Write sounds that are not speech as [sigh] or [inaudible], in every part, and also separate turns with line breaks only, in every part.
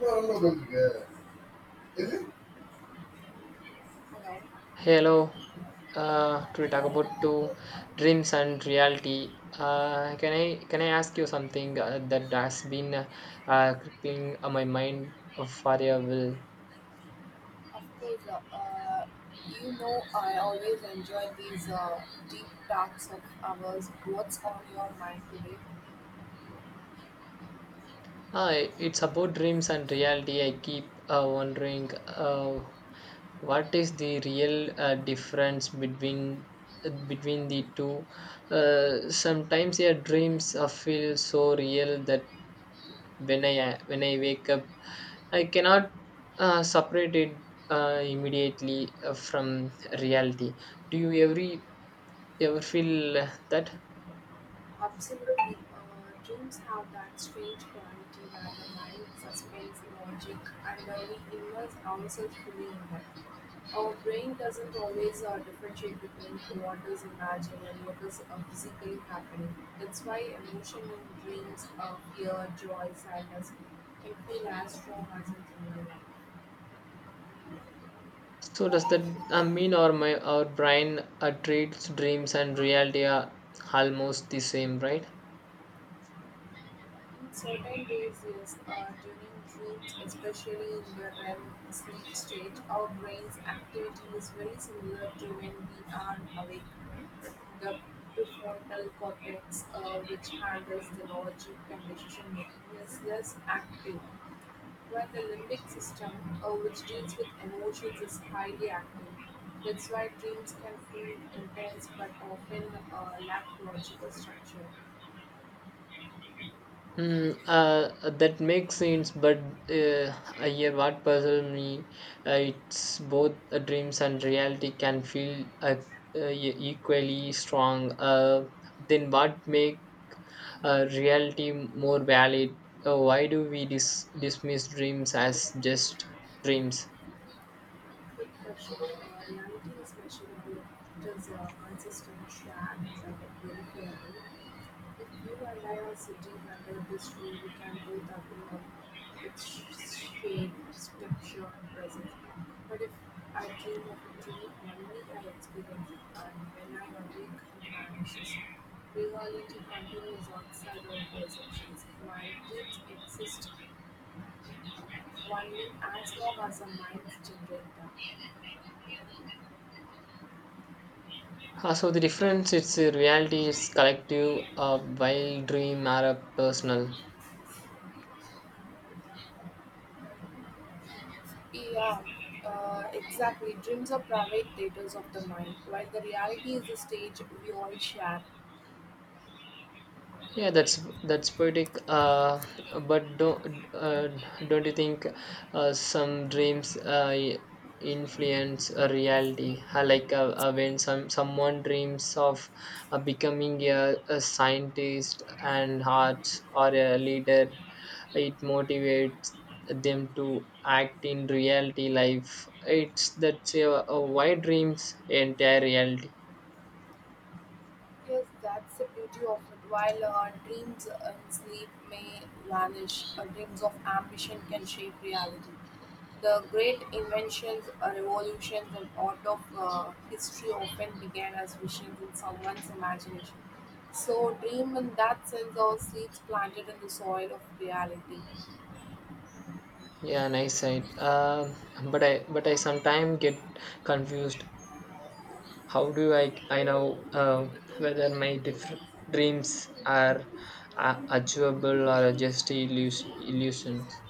No, no, that's good. Hello.
Hello. To talk about two dreams and reality. Can I ask you something that has been crippling on my mind for a while?
Of course, you know I always enjoy these deep talks of ours. What's on your mind today?
It's about dreams and reality. I keep wondering what is the real difference between between the two. Sometimes your dreams feel so real that when I wake up, I cannot separate it immediately from reality. Do you ever feel that?
Absolutely. Dreams have that strange quality where the mind suspends logic and we immerse ourselves fully in them. Our brain doesn't always differentiate between what is imagined and what is physically happening. That's why emotion in dreams, fear, joy, sadness can feel as strong as in real life.
So does that mean our brain treats dreams and reality are almost the same, right?
Certain days, yes, during dreams, especially in the REM sleep stage, our brain's activity is very similar to when we are awake. The prefrontal cortex, which handles the logic and decision making, is less active. Well, the limbic system, which deals with emotions, is highly active. That's why dreams can feel intense but often lack logical structure.
Hmm. That makes sense, but uh, yeah, what puzzles me, it's both dreams and reality can feel equally strong. Then what make reality more valid? Why do we dismiss dreams as just dreams?
Quick pressure, reality is measurable, it is a consistent track, very fairly. If you and I are sitting under this tree, we can do nothing of its shade, structure, and presence. But if I dream of a tree, only I experience it, and when I awake, it vanishes. Reality continues outside of perceptions. Minds exist only as long as the minds generate them.
So the difference, it's reality is collective, while dream are personal.
Yeah, exactly. Dreams are private theaters of the mind, while the reality is the stage we all share.
Yeah, that's poetic. But don't you think some dreams influence a reality? Like when someone dreams of becoming a scientist and arts or a leader, it motivates them to act in reality life. It's that's a why dreams entire reality.
Yes, that's the beauty of it. While our dreams and sleep may vanish, our dreams of ambition can shape reality. The great inventions, revolutions, and art of history often began as visions in someone's imagination. So, dream in that sense are seeds planted in the soil of reality.
Yeah, nice side. But I sometimes get confused. How do I know whether my dreams are achievable or just illusions?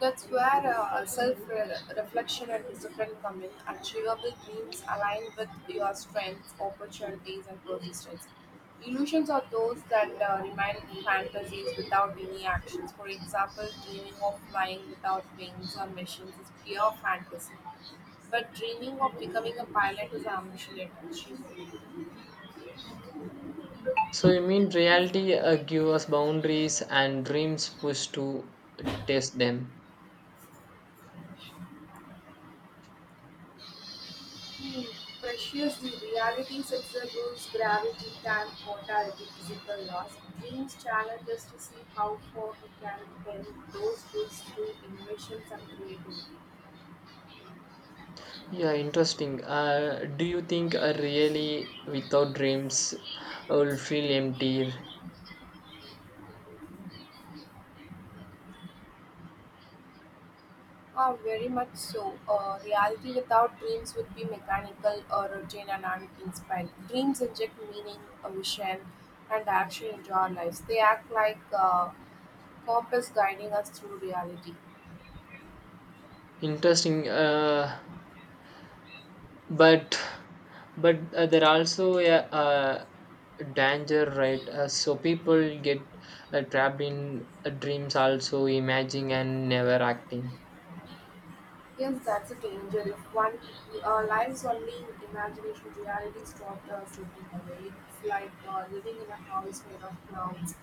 That's where self reflection and discipline come in. Achievable dreams align with your strengths, opportunities, and persistence. Illusions are those that remain fantasies without any actions. For example, dreaming of flying without wings or machines is pure fantasy. But dreaming of becoming a pilot is ambition and achievement.
So you mean reality give us boundaries and dreams push to test them?
He pressures the realities of the rules gravity, time, mortality, physical laws. Dreams challenge us to see how far we can bend those rules through innovations and creativity.
Yeah, interesting. Do you think really without dreams I will feel empty?
Ah, very much so. Reality without dreams would be mechanical or routine and uninspired. Dreams inject meaning, a vision, and action into our lives. They act like a compass guiding us through reality.
Interesting. But but there are also a danger, right? So people get trapped in dreams, also imagining and never acting.
Yes, that's a danger. If one lives only in imagination, reality stops slipping away. It's like living in a house made of clouds,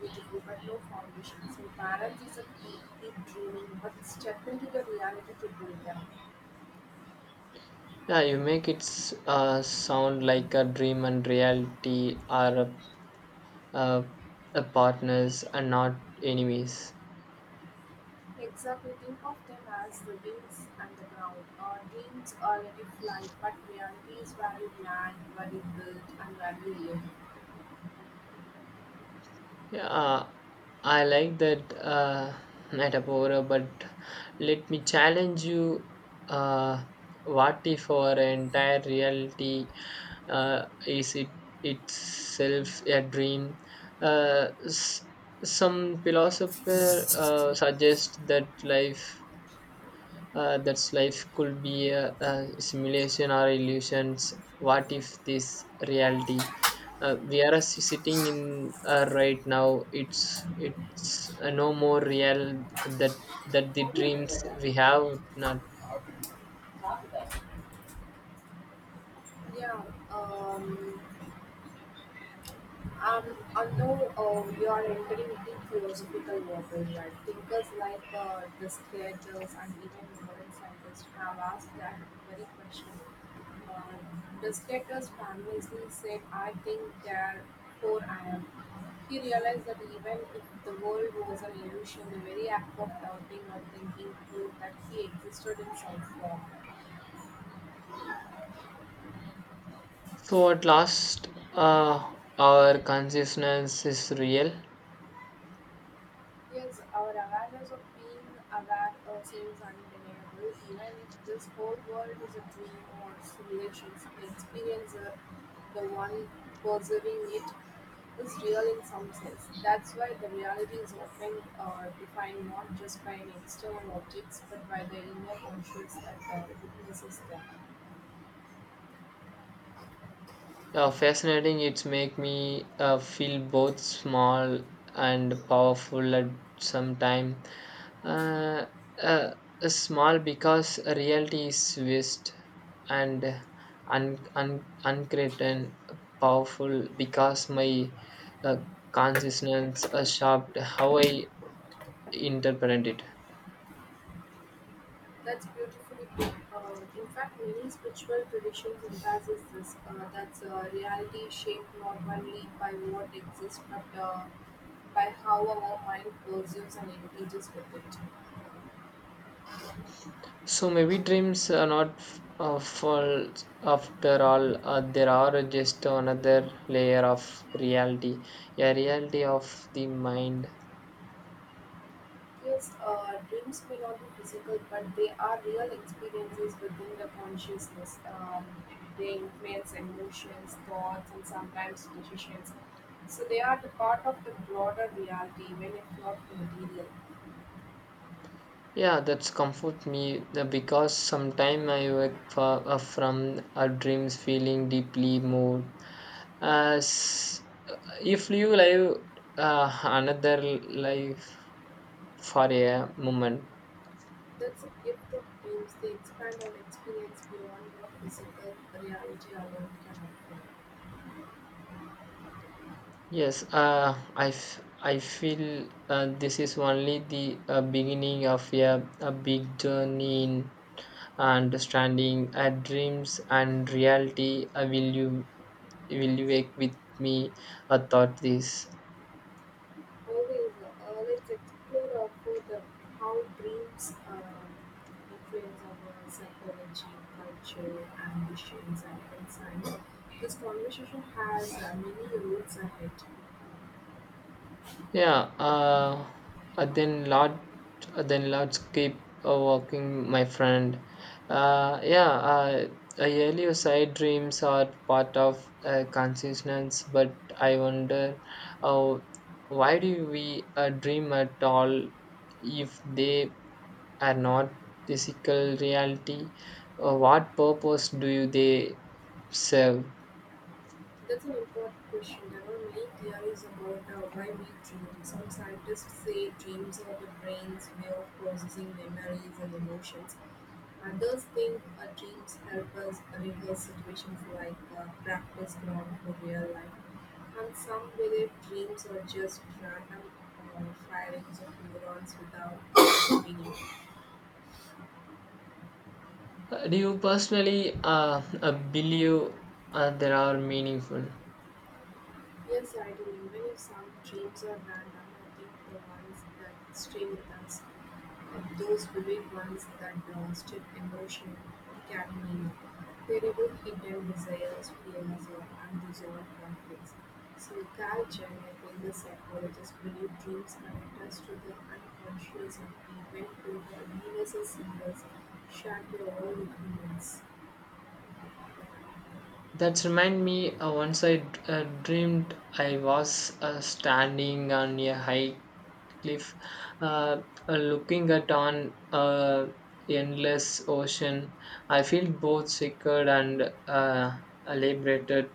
beautiful but no foundation. So balance is a key, keep dreaming, but step into the reality to build them.
Yeah, you make it sound like a dream and reality are uh, a partners and not enemies.
Exactly, think of them as the wings and the ground. Dreams are let it fly, but reality is where you land, where you build, and where you live.
Yeah, I like that metaphor, but let me challenge you. Uh, what if our entire reality is it itself a dream? Uh, s- some philosopher suggest that life could be a simulation or illusions. What if this reality we are sitting in right now, it's no more real that that the dreams we have not.
Yeah, um, Um, although you are entering deep philosophical waters, right? Thinkers like the Descartes and even modern scientists have asked that very question. Uh, Descartes famously said, I think, therefore I am. He realized that even if the world was an illusion, the very act of doubting or thinking proved that he existed in some form.
So at last our consciousness is real.
Yes, our awareness of being aware seems undeniable, even if this whole world is a dream or simulation. The experience, the one perceiving it, is real in some sense. That's why the reality is often defined not just by an external objects, but by the inner conscious that witnesses them.
Yeah, fascinating. It's make me feel both small and powerful at some time. Uh, uh, Small because reality is vast and uncreated, powerful because my uh, consciousness shaped how I interpret it.
That's beautifully put. In fact, many spiritual traditions emphasize this that's a reality shaped not only by what exists but by how our mind perceives and engages with it.
So maybe dreams are not false after all. There are just another layer of reality, a reality of the mind.
Yes, dreams may not be physical, but they are real experiences within the consciousness. They influence emotions, thoughts, and sometimes decisions. So they are the part of the broader reality, even if not material.
Yeah, that's comfort me because sometimes I wake for, from a dreams feeling deeply moved. As uh, if you live another life for a moment.
That's a gift of dreams. They expand our experience beyond what physical reality alone can offer.
Yes, I, I feel this is only the beginning of a big journey in understanding dreams and reality. You will you wake with me? I thought this.
Moreover, let's explore our further how dreams influence our psychology, culture, ambitions, and insights. This conversation has many roads ahead.
Yeah, uh, then lot, then let's keep walking, my friend. Uh, yeah, uh, Earlier side dreams are part of consciousness, but I wonder, uh, why do we dream at all if they are not physical reality? What purpose do you they serve?
That's an important question. There are many theories about why we dream. Some scientists say dreams are the brain's way of processing memories and emotions. Others think our dreams help us rehearse situations like a practice ground for real life, and some believe dreams are just random uh, firings of neurons without [coughs] meaning.
Do you personally believe there are meaningful?
Yes, I do. Even if some dreams are random, I think the ones that stay with us, those vivid ones that blasted emotion, can they terrible hidden desires, fears, or unresolved conflicts. So, Carl Jung, a famous psychologist, believed dreams connect us to the unconscious and even to the universal symbols shared by all humans.
That's remind me once I dreamed I was standing on a high cliff, uh, looking at on endless ocean. I feel both secured and liberated.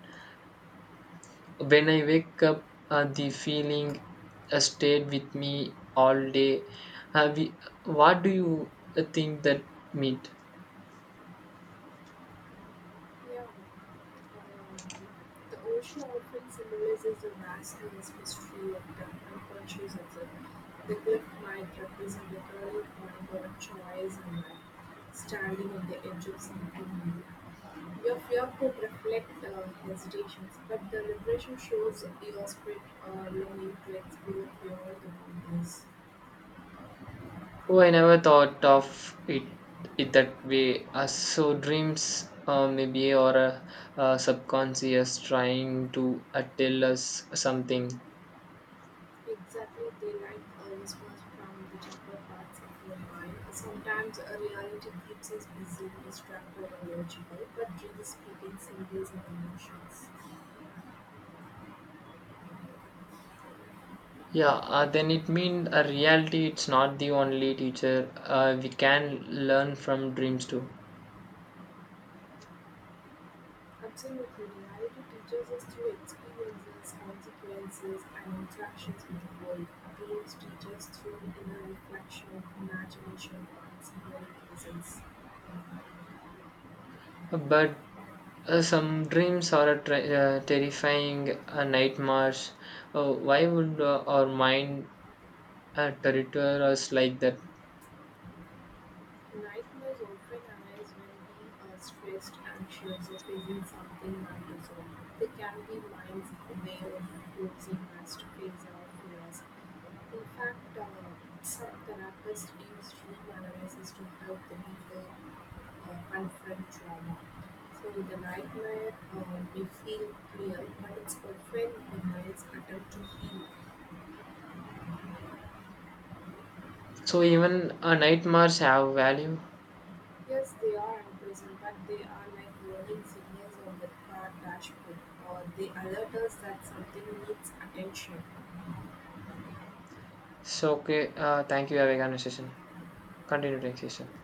When I wake up, the feeling stayed with me all day. Uh, we, what do you think that meant?
Yeah. The ocean often symbolizes the vastness, mystery, of the unconscious itself. The cliff might represent the turning point or a choice in life, standing on the edge of something new. Your fear could reflect hesitations, but the liberation shows your spirit longing to explore beyond the boundaries.
Oh, I never thought of it it that way. So dreams, maybe, or subconscious trying to tell us something.
Exactly, they like a response from the deeper parts of your mind. Sometimes a reality keeps us busy, distracted, or logical, but really speaking, symbols and emotions.
Yeah, then it means a reality. It's not the only teacher. We can learn from dreams too.
Absolutely, reality teaches us through experiences, consequences, and interactions with the world. Dreams teach us through inner reflection, imagination, and symbolic presence.
But some dreams are a terrifying nightmares. Why would our mind territor us like that?
Nightmares often arise when we are stressed, anxious, or facing something unresolved. They can be mind's way of forcing us to face our fears. In fact, some therapists use dream analysis to help the people confront trauma. So the nightmare may feel real, but it's often the mind's attempt to heal.
So even nightmares have value.
Yes, they are impressive, but they are like warning signals on the car dashboard, or they alert us that something needs attention.
So, okay, thank you. Have a conversation. Continue the next session.